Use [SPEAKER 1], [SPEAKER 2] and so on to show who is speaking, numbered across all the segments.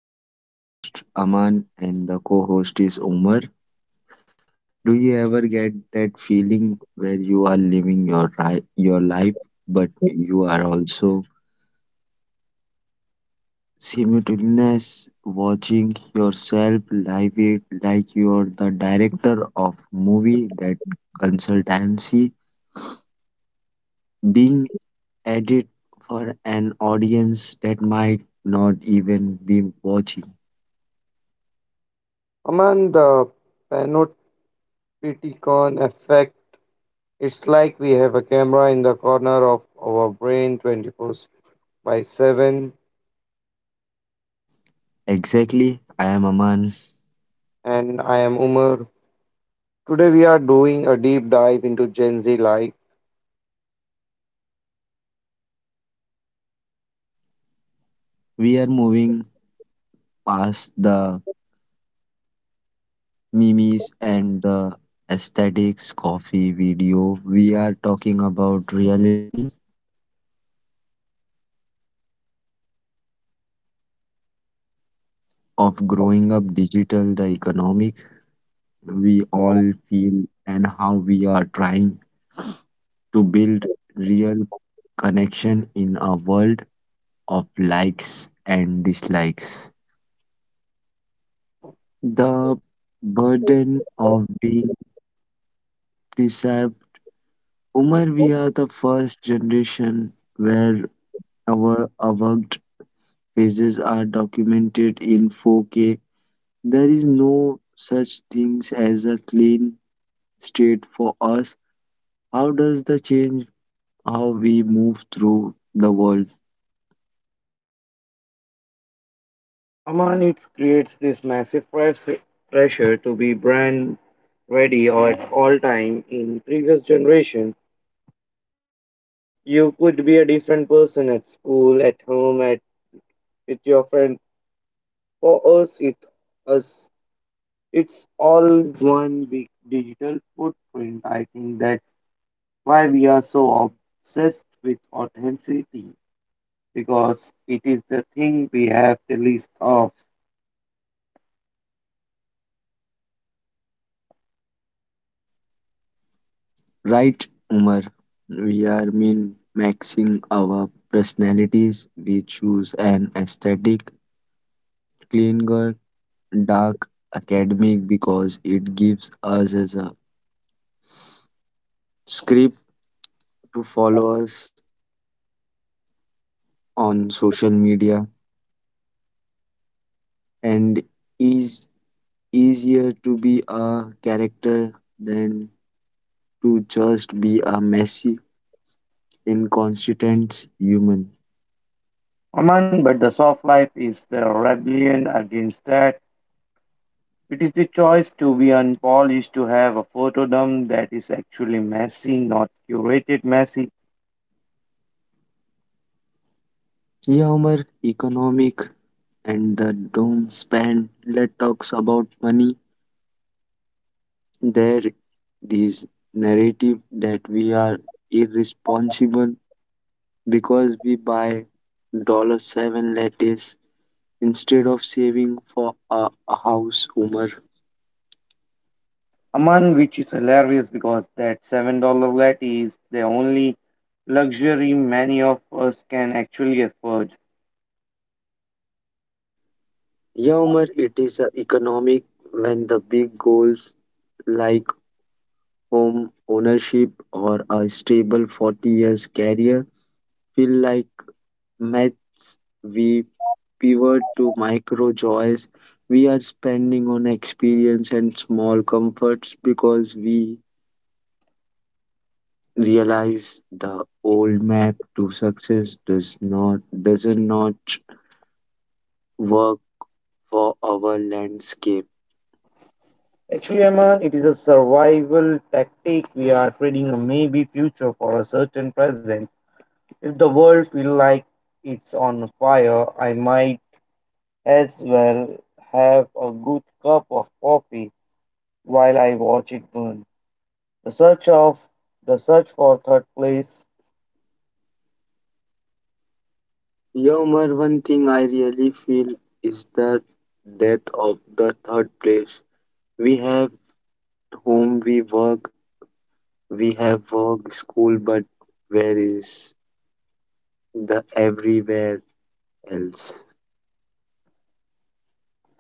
[SPEAKER 1] So today's host Aman and the co-host is Umar. Do you ever get that feeling where you are living your life, but you are also simultaneously watching yourself live it like you are the director of movie that consultancy being edited for an audience that might not even be watching.
[SPEAKER 2] Aman the panopticon effect, it's like we have a camera in the corner of our brain 24/7.
[SPEAKER 1] Exactly, I am Aman.
[SPEAKER 2] And I am Umar. Today we are doing a deep dive into Gen Z life.
[SPEAKER 1] We are moving past the memes and the aesthetics coffee video. We are talking about reality of growing up digital, the economic we all feel and how we are trying to build real connection in a world of likes and dislikes. The burden of being Umar, we are the first generation where our avowed phases are documented in 4K. There is no such things as a clean state for us. How does the change how we move through the world?
[SPEAKER 2] Aman, it creates this massive pressure to be brand ready or at all time. In previous generation, you could be a different person at school, at home, at with your friend. For us, us It's all one big digital footprint. I think that's why we are so obsessed with authenticity because it is the thing we have the least of.
[SPEAKER 1] Right, Umar. We are mean maxing our personalities. We choose an aesthetic, clean girl, dark academic because it gives us as a script to follow us on social media and is easier to be a character than to just be a messy, inconsistent human.
[SPEAKER 2] Aman, but the soft life is the rebellion against that. It is the choice to be unpolished, to have a photodome that is actually messy, not curated messy.
[SPEAKER 1] Yeah, Umar, economic and the doom span. Let talks about money. There, this narrative that we are irresponsible because we buy dollar seven lettuce instead of saving for a house. Umar,
[SPEAKER 2] Among which is hilarious because that $7 latte is the only luxury many of us can actually afford.
[SPEAKER 1] yeah, Umar, it is economic when the big goals like home ownership or a stable 40 years career feel like maths. We pivot to micro joys. We are spending on experience and small comforts because we realize the old map to success does not work for our landscape.
[SPEAKER 2] Actually, Aman, it is a survival tactic. We are trading a maybe future for a certain present. If the world feels like it's on fire, I might as well have a good cup of coffee while I watch it burn. The search of the search for third place.
[SPEAKER 1] Yeah, Umar, one thing I really feel is the death of the third place. We have home, we work, we have work, school, but where is the everywhere else?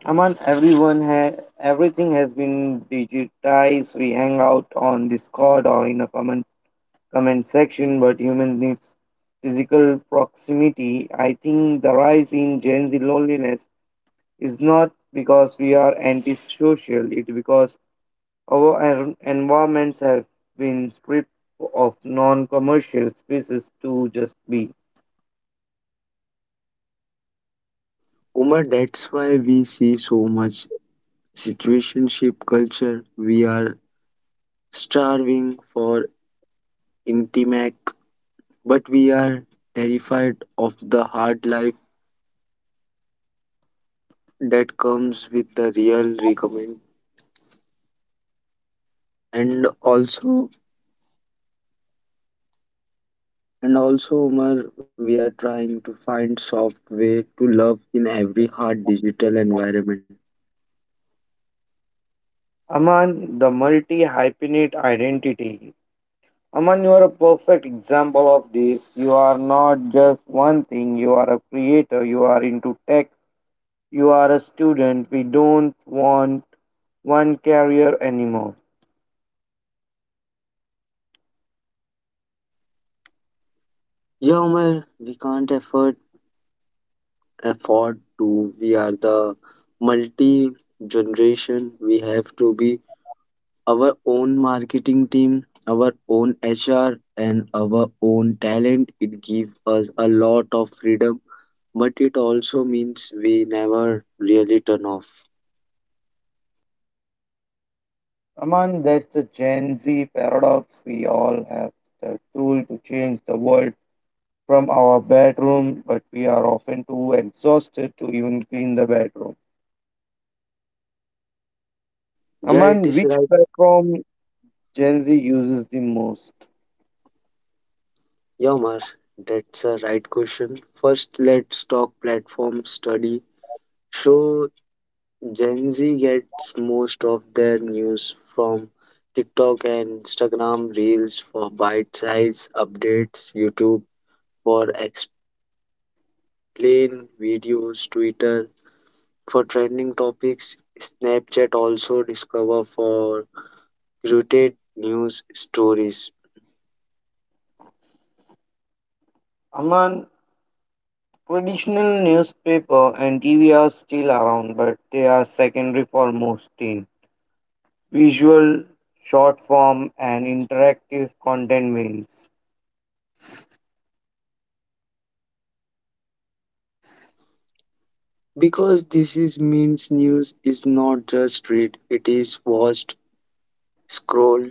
[SPEAKER 2] Aman, everything has been digitized. We hang out on Discord or in a comment section, but human needs physical proximity. I think the rise in Gen Z loneliness is not because we are antisocial; it's because our environments have been stripped of non-commercial spaces to just be.
[SPEAKER 1] Umar, that's why we see so much situationship culture. We are starving for intimate, but we are terrified of the hard life that comes with the real recommend. And also, And also, Umar, we are trying to find soft way to love in every hard digital environment.
[SPEAKER 2] Aman, the multi-hyphenate identity. Aman, you are a perfect example of this. You are not just one thing, you are a creator, you are into tech, you are a student. We don't want one career anymore.
[SPEAKER 1] Yeah, Umar, we can't afford to. We are the multi generation. We have to be our own marketing team, our own HR, and our own talent. It gives us a lot of freedom, but it also means we never really turn off.
[SPEAKER 2] Aman, that's the Gen Z paradox. We all have the tool to change the world from our bedroom, but we are often too exhausted to even clean the bedroom.
[SPEAKER 1] Yeah, it
[SPEAKER 2] Aman,
[SPEAKER 1] is
[SPEAKER 2] which
[SPEAKER 1] right.
[SPEAKER 2] platform Gen Z uses the most?
[SPEAKER 1] Yamar, that's a right question. First, let's talk platform study. So, Gen Z gets most of their news from TikTok and Instagram Reels for bite size updates, YouTube for explain videos, Twitter for trending topics, Snapchat also discover for curated news stories.
[SPEAKER 2] Aman, traditional newspaper and TV are still around, but they are secondary for most teens. Visual, short form, and interactive content wins.
[SPEAKER 1] Because this is means news is not just read, it is watched scroll.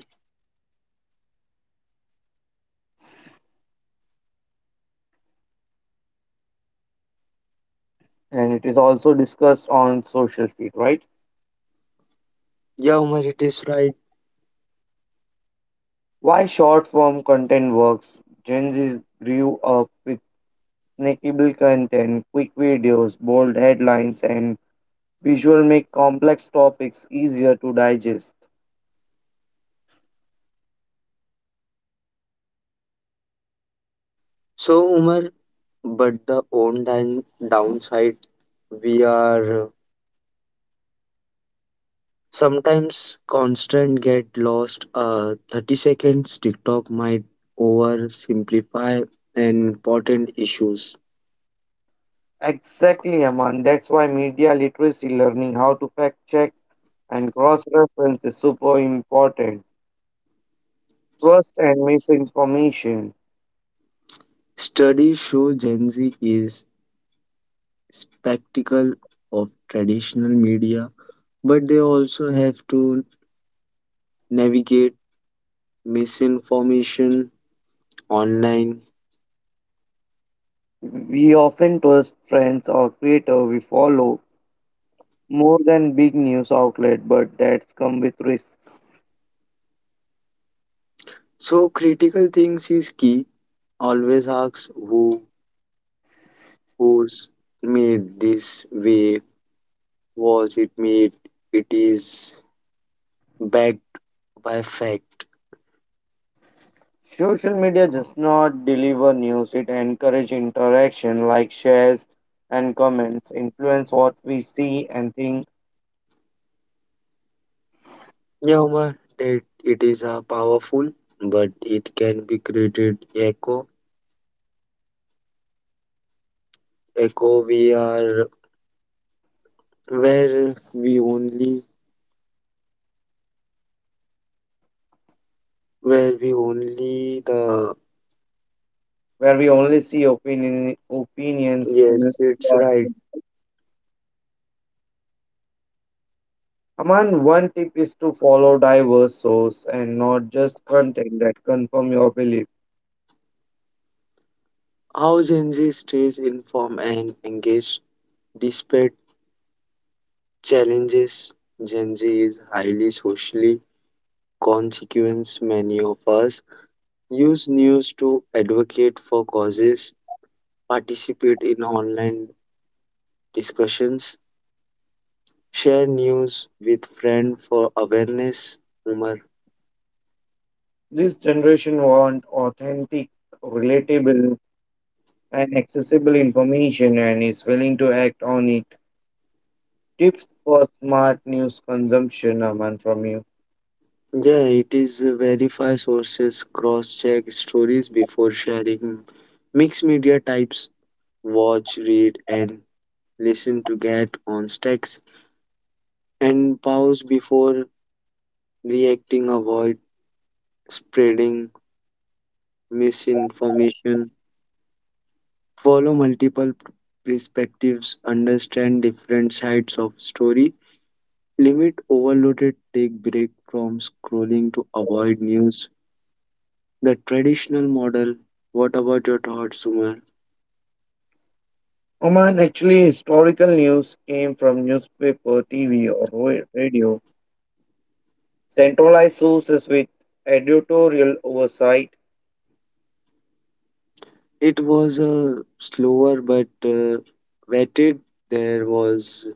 [SPEAKER 2] And it is also discussed on social feed, right?
[SPEAKER 1] Yeah, Umar, it is right.
[SPEAKER 2] Why short form content works. Gen Z grew up with snackable content, quick videos, bold headlines, and visual make complex topics easier to digest.
[SPEAKER 1] So, Umar, but the downside, we are sometimes constant get lost. 30 seconds TikTok might oversimplify important issues.
[SPEAKER 2] Exactly, Aman. That's why media literacy, learning how to fact check and cross reference is super important. Trust and misinformation.
[SPEAKER 1] Studies show Gen Z is spectacle of traditional media, but they also have to navigate misinformation online.
[SPEAKER 2] We often trust friends or creators we follow more than big news outlet, but that's come with risk.
[SPEAKER 1] So critical things is key always asks who's made this way was it made it is backed by fact
[SPEAKER 2] Social media does not deliver news, it encourages interaction like shares and comments, influence what we see and think,
[SPEAKER 1] yeah Omar, that it is a powerful but it can be created echo we are where we only where we only the
[SPEAKER 2] where we only see opinion, opinions similar.
[SPEAKER 1] yes it's right
[SPEAKER 2] Aman, one tip is to follow diverse source and not just content that confirm your belief.
[SPEAKER 1] how Gen Z stays informed and engaged despite challenges Gen Z is highly socially consequence, many of us use news to advocate for causes, participate in online discussions, share news with friends for awareness, humor.
[SPEAKER 2] This generation want authentic, relatable, and accessible information and is willing to act on it. Tips for smart news consumption, Aman, from you.
[SPEAKER 1] Yeah, it is verify sources, cross check stories before sharing. Mixed media types watch, read, and listen to get context and pause before reacting, avoid spreading misinformation follow perspectives, understand different sides of story, limit overloaded, take break from scrolling to avoid news. The traditional model. What about your thoughts, Sumar?
[SPEAKER 2] Oman actually, historical news came from newspaper, TV, or radio. Centralized sources with editorial oversight.
[SPEAKER 1] It was a slower but vetted. There was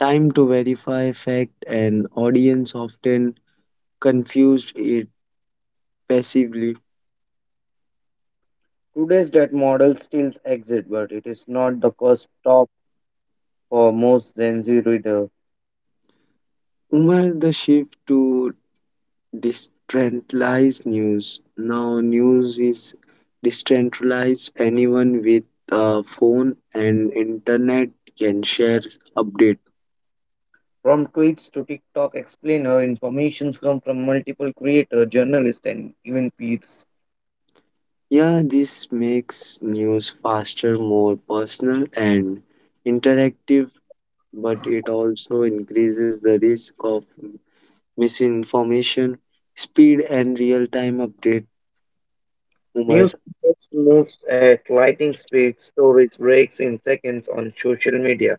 [SPEAKER 1] time to verify fact, and audience often confused it passively.
[SPEAKER 2] Today's that model still exists, but it is not the first for most Gen Z reader.
[SPEAKER 1] Umar, the shift to decentralized news. Now, news is decentralized. Anyone with a phone and internet can share update.
[SPEAKER 2] From tweets to TikTok explainer, information comes from multiple creators, journalists, and even peers.
[SPEAKER 1] Yeah, this makes news faster, more personal, and interactive, but it also increases the risk of misinformation, speed, and real time update. Umar.
[SPEAKER 2] News moves at lightning speed, stories breaks in seconds on social media.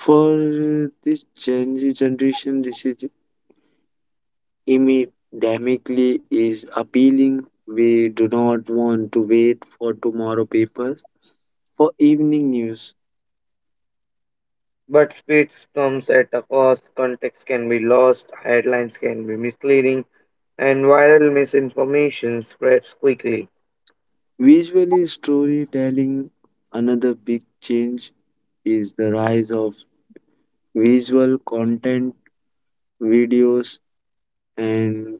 [SPEAKER 1] For this Gen Z generation, this is immediately is appealing. We do not want to wait for tomorrow papers for evening news.
[SPEAKER 2] But speed comes at a cost, context can be lost, headlines can be misleading, and viral misinformation spreads quickly.
[SPEAKER 1] Visually storytelling, another big change is the rise of visual content, videos and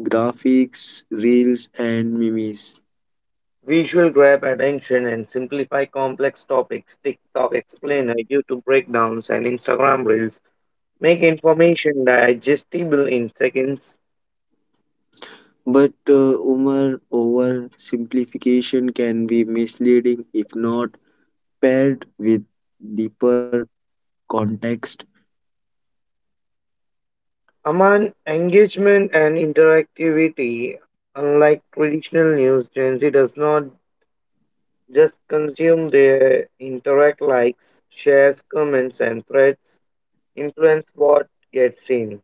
[SPEAKER 1] graphics, reels and memes.
[SPEAKER 2] Visual grab attention and simplify complex topics. TikTok explainer, YouTube breakdowns, and Instagram reels make information digestible in seconds.
[SPEAKER 1] But Umar oversimplification can be misleading if not paired with deeper context.
[SPEAKER 2] Among engagement and interactivity, unlike traditional news, Gen Z does not just consume, they interact, likes, shares, comments, and threads, influence what gets seen.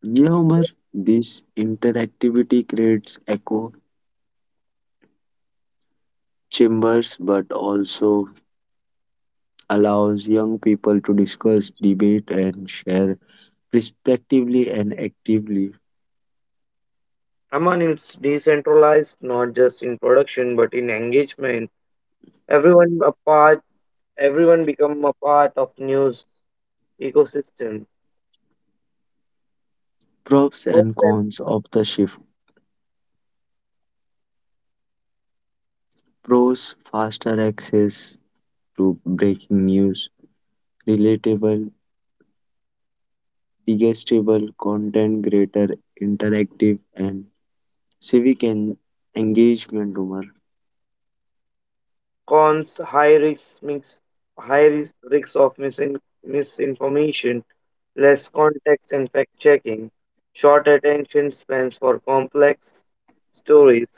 [SPEAKER 1] Yeah, Omar, this interactivity creates echo chambers but also allows young people to discuss, debate, and share respectively and actively
[SPEAKER 2] Among it's decentralized not just in production but in engagement. Everyone a part, everyone become a part of news ecosystem.
[SPEAKER 1] pros and cons of the shift. Pros faster access to breaking news, relatable, digestible content, greater interactive and civic en- engagement. Omar,
[SPEAKER 2] Cons, high risks mix high risk risks of misinformation, less context and fact checking, short attention spans for complex stories.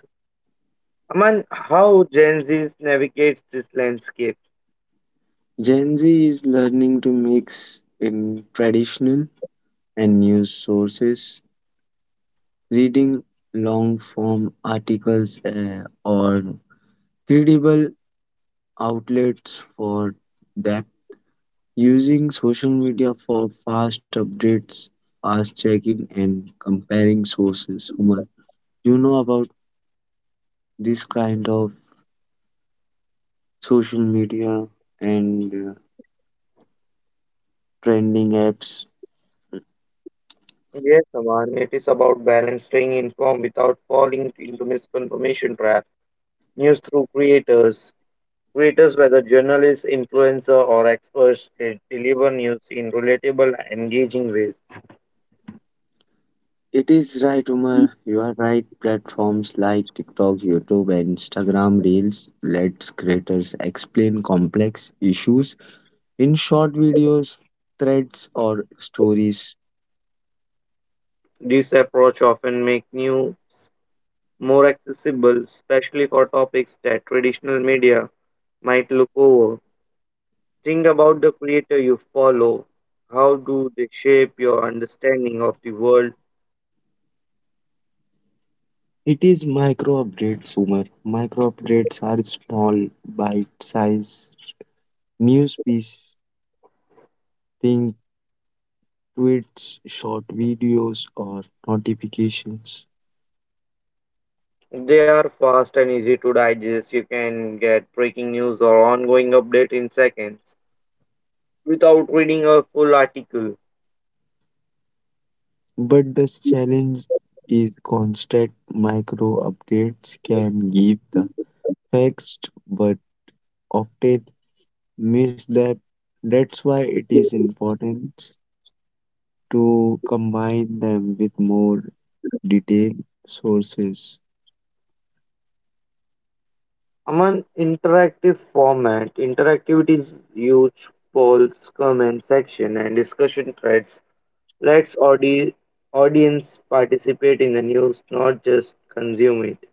[SPEAKER 2] Aman, how Gen Z navigates this landscape?
[SPEAKER 1] Gen Z is learning to mix in traditional and news sources, reading long form articles or credible outlets for that, using social media for fast updates, fast checking, and comparing sources. Human, you know about this kind of social media and trending apps.
[SPEAKER 2] Yes, Aman, it is about balance, staying informed without falling into misinformation trap. News through creators whether journalists, influencer, or experts, they deliver news in relatable, engaging ways.
[SPEAKER 1] It is right, Umar. You are right. Platforms like TikTok, YouTube, and Instagram Reels lets creators explain complex issues in short videos, threads, or stories.
[SPEAKER 2] This approach often makes news more accessible, especially for topics that traditional media might look over. Think about the creator you follow. How do they shape your understanding of the world?
[SPEAKER 1] It is micro updates, Umar. Micro updates are small, bite-sized news pieces, think tweets, short videos, or notifications.
[SPEAKER 2] If they are fast and easy to digest. You can get breaking news or ongoing update in seconds without reading a full article.
[SPEAKER 1] But the challenge is constant micro updates can give the fixed but often miss that that's why it is important to combine them with more detailed sources
[SPEAKER 2] Among interactive format, interactivity is huge polls, comment section, and discussion threads. Let's audience participate in the news, not just consume it.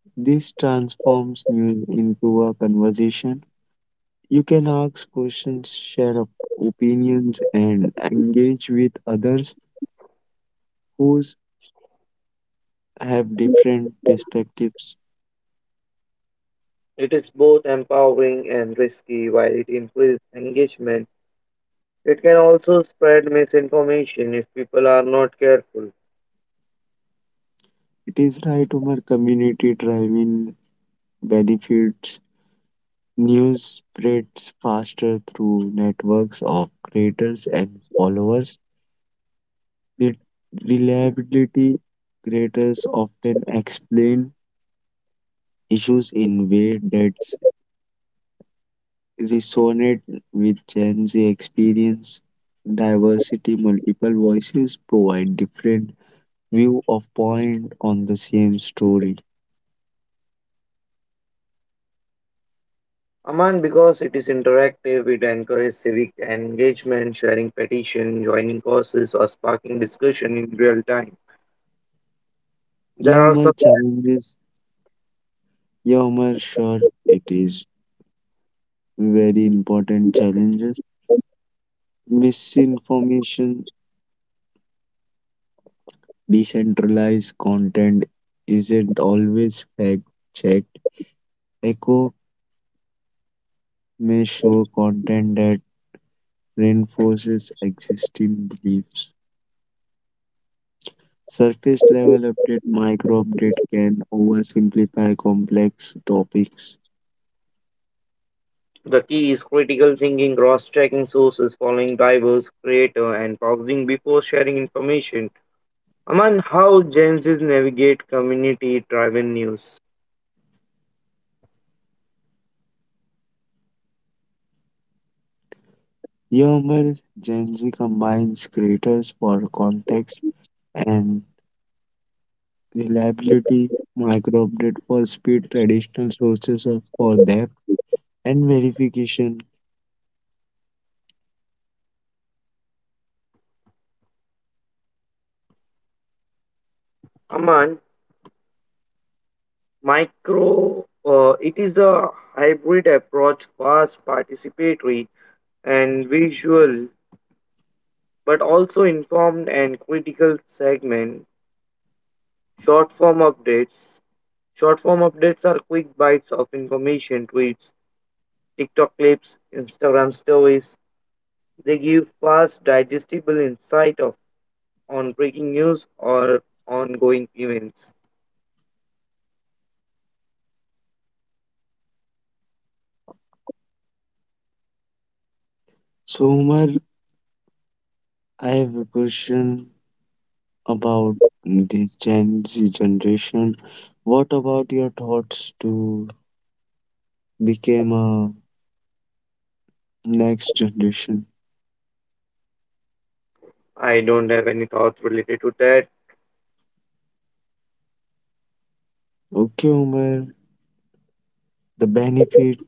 [SPEAKER 1] this transforms news into a conversation you can ask questions share opinions and engage with others who have different perspectives
[SPEAKER 2] It is both empowering and risky while it increases engagement. It can also spread misinformation if people are not careful.
[SPEAKER 1] it is right Umar community driving benefits. News spreads faster through networks of creators and followers. With reliability, creators often explain issues in ways that resonate with Gen Z experience. Diversity, multiple voices provide different view of point on the same story.
[SPEAKER 2] Aman, because it is interactive, it encourages civic engagement, sharing petition, joining courses, or sparking discussion in real time.
[SPEAKER 1] यह
[SPEAKER 2] There are some.
[SPEAKER 1] हमारे challenges, यह हमारे sure it is very important challenges. Misinformation decentralized content isn't always fact checked. Echo may show content that reinforces existing beliefs. Surface level update, micro update can oversimplify complex topics.
[SPEAKER 2] The key is critical thinking, cross-checking sources, following diverse creator, and pausing before sharing information. Aman, how Gen Zs navigate community driven news?
[SPEAKER 1] Yammer Gen Z combines creators for context and reliability, micro update for speed, traditional sources for depth and verification.
[SPEAKER 2] Aman, micro, it is a hybrid approach, fast, participatory, and visual, but also informed and critical segment. Short form updates. Short form updates are quick bites of information, tweets, TikTok clips, Instagram stories. They give fast, digestible insight of on breaking news or ongoing events.
[SPEAKER 1] So, Umar, I have a question about this Gen Z generation. What about your thoughts to become a next generation?
[SPEAKER 2] I don't have any thoughts related to that.
[SPEAKER 1] Okay, Umar. The benefit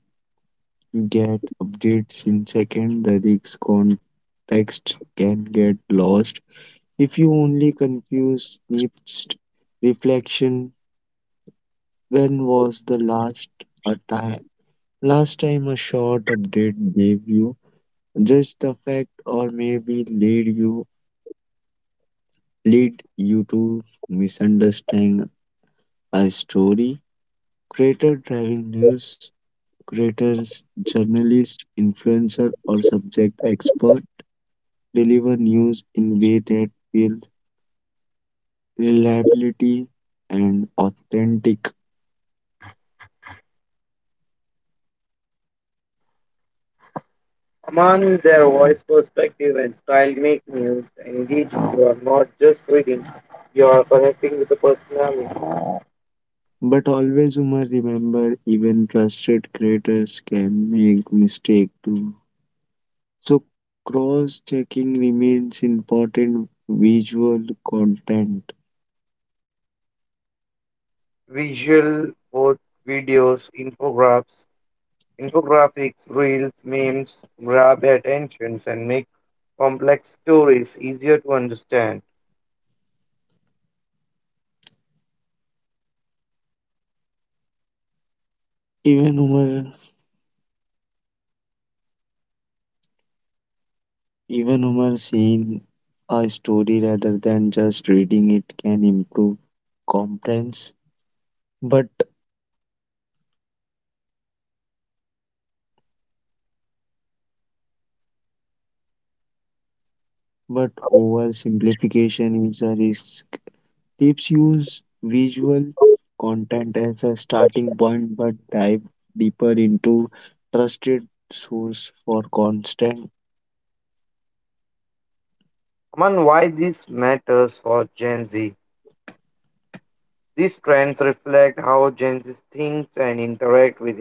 [SPEAKER 1] you get updates in second, the risk context can get lost. If you only confuse snips reflection, when was the last a time last time a short update gave you just the fact or maybe lead you to misunderstand a story. Creator driving news, creators, journalists, influencer, or subject expert deliver news in way that feel reliability and authentic.
[SPEAKER 2] Among their voice perspective and style make news. Indeed, you are not just reading, you are connecting with the personality.
[SPEAKER 1] But always you must remember even trusted creators can make mistake too. So cross checking remains important visual content.
[SPEAKER 2] Visual, both videos, infographics, reels, memes grab attentions and make complex stories easier to understand.
[SPEAKER 1] Even Umar Even humor seeing a story rather than just reading it can improve comprehension. But but oversimplification is a risk. Tips use visual content as a starting point, but dive deeper into trusted source for constant.
[SPEAKER 2] Aman, why this matters for Gen Z? These trends reflect how Gen Z thinks and interact with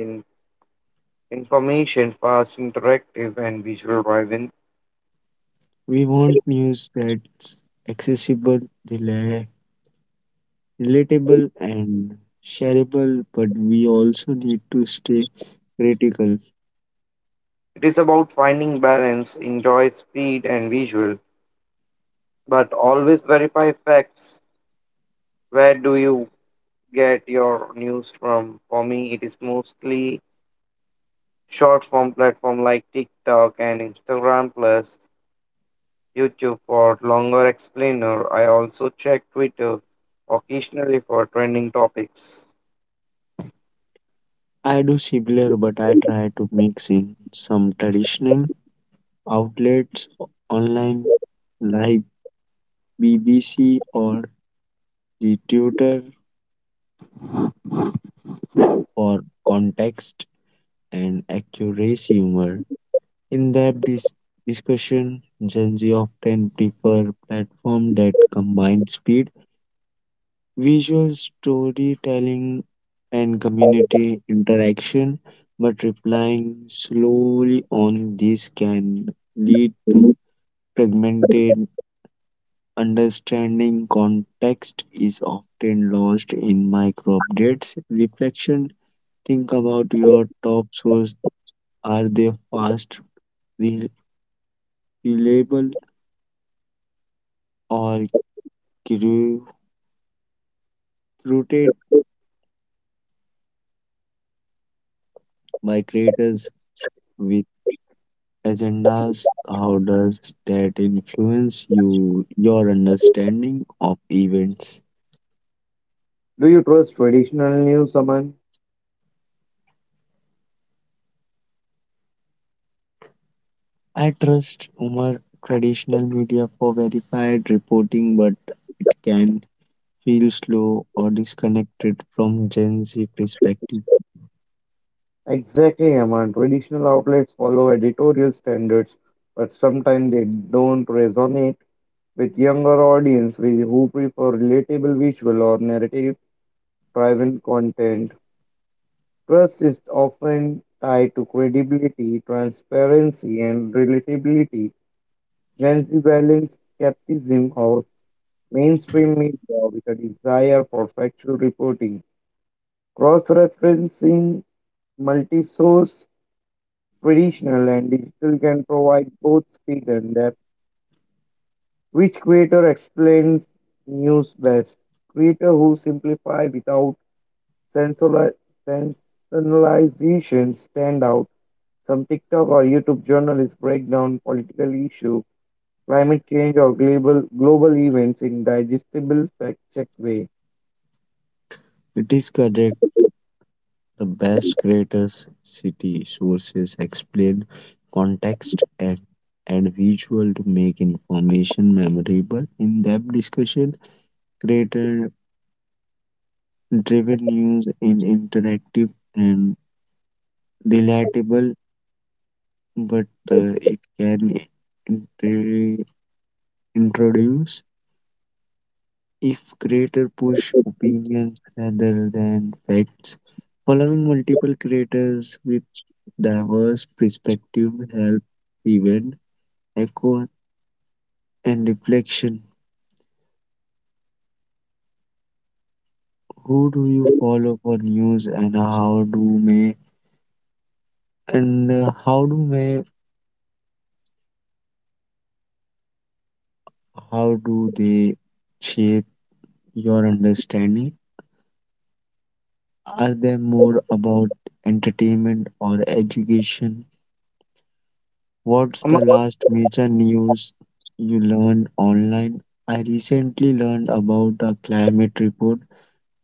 [SPEAKER 2] information fast, interactive, and visual driven.
[SPEAKER 1] We want news that's accessible, rela- relatable, and shareable, but we also need to stay critical.
[SPEAKER 2] It is about finding balance, enjoy speed and visual, but always verify facts. Where do you get your news from? For me, it is mostly short form platform like TikTok and Instagram plus YouTube for longer explainer. I also check Twitter occasionally for trending topics.
[SPEAKER 1] I do similar, but I try to mix in some traditional outlets online, like BBC or the Tutor for context and accuracy. Humor. In discussion, Gen Z often prefer platform that combine speed, visual storytelling, and community interaction, but replying slowly on this can lead to fragmented understanding context is often lost in micro updates. Reflection think about your top source. Are they fast, re- reliable, or curated by creators with agendas? How does that influence your understanding of events?
[SPEAKER 2] Do you trust traditional news, Aman?
[SPEAKER 1] I trust Umar traditional media for verified reporting, but it can feel slow or disconnected from Gen Z perspective.
[SPEAKER 2] Exactly, Aman. Traditional outlets follow editorial standards, but sometimes they don't resonate with younger audience who prefer relatable visual or narrative-driven content. Trust is often tied to credibility, transparency, and relatability. Gen Z balance skepticism of mainstream media with a desire for factual reporting. Cross-referencing multi-source, traditional and digital, can provide both speed and depth. Which creator explains news best? Creator who simplify without sensoli- sensationalization stand out. Some TikTok or YouTube journalists break down political issue, climate change, or global events in digestible fact-check way.
[SPEAKER 1] It is correct. The best creators, city sources explain context and visual to make information memorable. In depth discussion, creator driven news in interactive and relatable, but it can intri- introduce. If creator push opinions rather than facts, following multiple creators with diverse perspective help prevent echo and reflection. Who do you follow for news and and uh, how do may how do they shape your understanding? Are they more about entertainment or education? What's
[SPEAKER 2] Ama-
[SPEAKER 1] the last major news you learned online? I recently learned about a climate report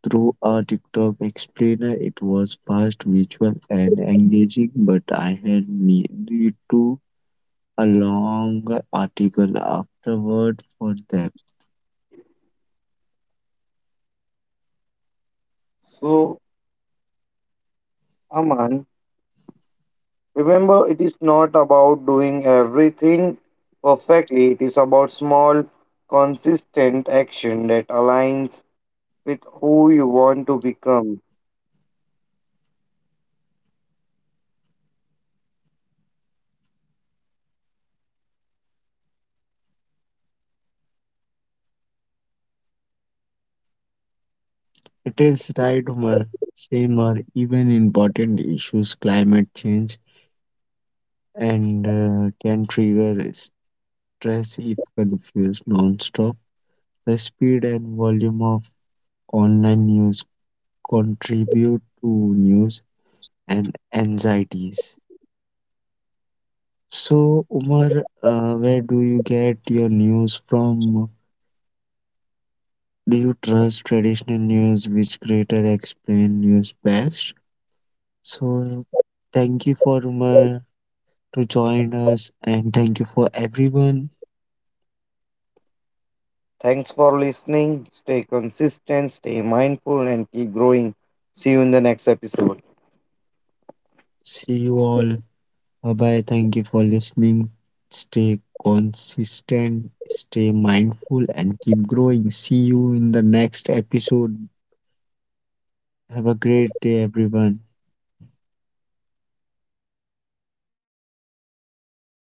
[SPEAKER 1] through a TikTok explainer. It was fast, visual, and engaging, but I had need to a long article afterward for them.
[SPEAKER 2] So, Aman, remember, it is not about doing everything perfectly, it is about small, consistent action that aligns with who you want to become.
[SPEAKER 1] It is right, Umar. Same or even important issues, climate change, and can trigger stress if confused non. The speed and volume of online news contribute to news and anxieties. So, Umar, where do you get your news from? Do you trust traditional news, which creator explain news best? So, thank you for Umar to join us, and thank you for everyone.
[SPEAKER 2] Thanks for listening. Stay consistent, stay mindful, and keep growing. See you in the next episode.
[SPEAKER 1] See you all. Bye bye. Thank you for listening. Stay consistent, stay mindful, and keep growing. See you in the next episode. Have a great day, everyone.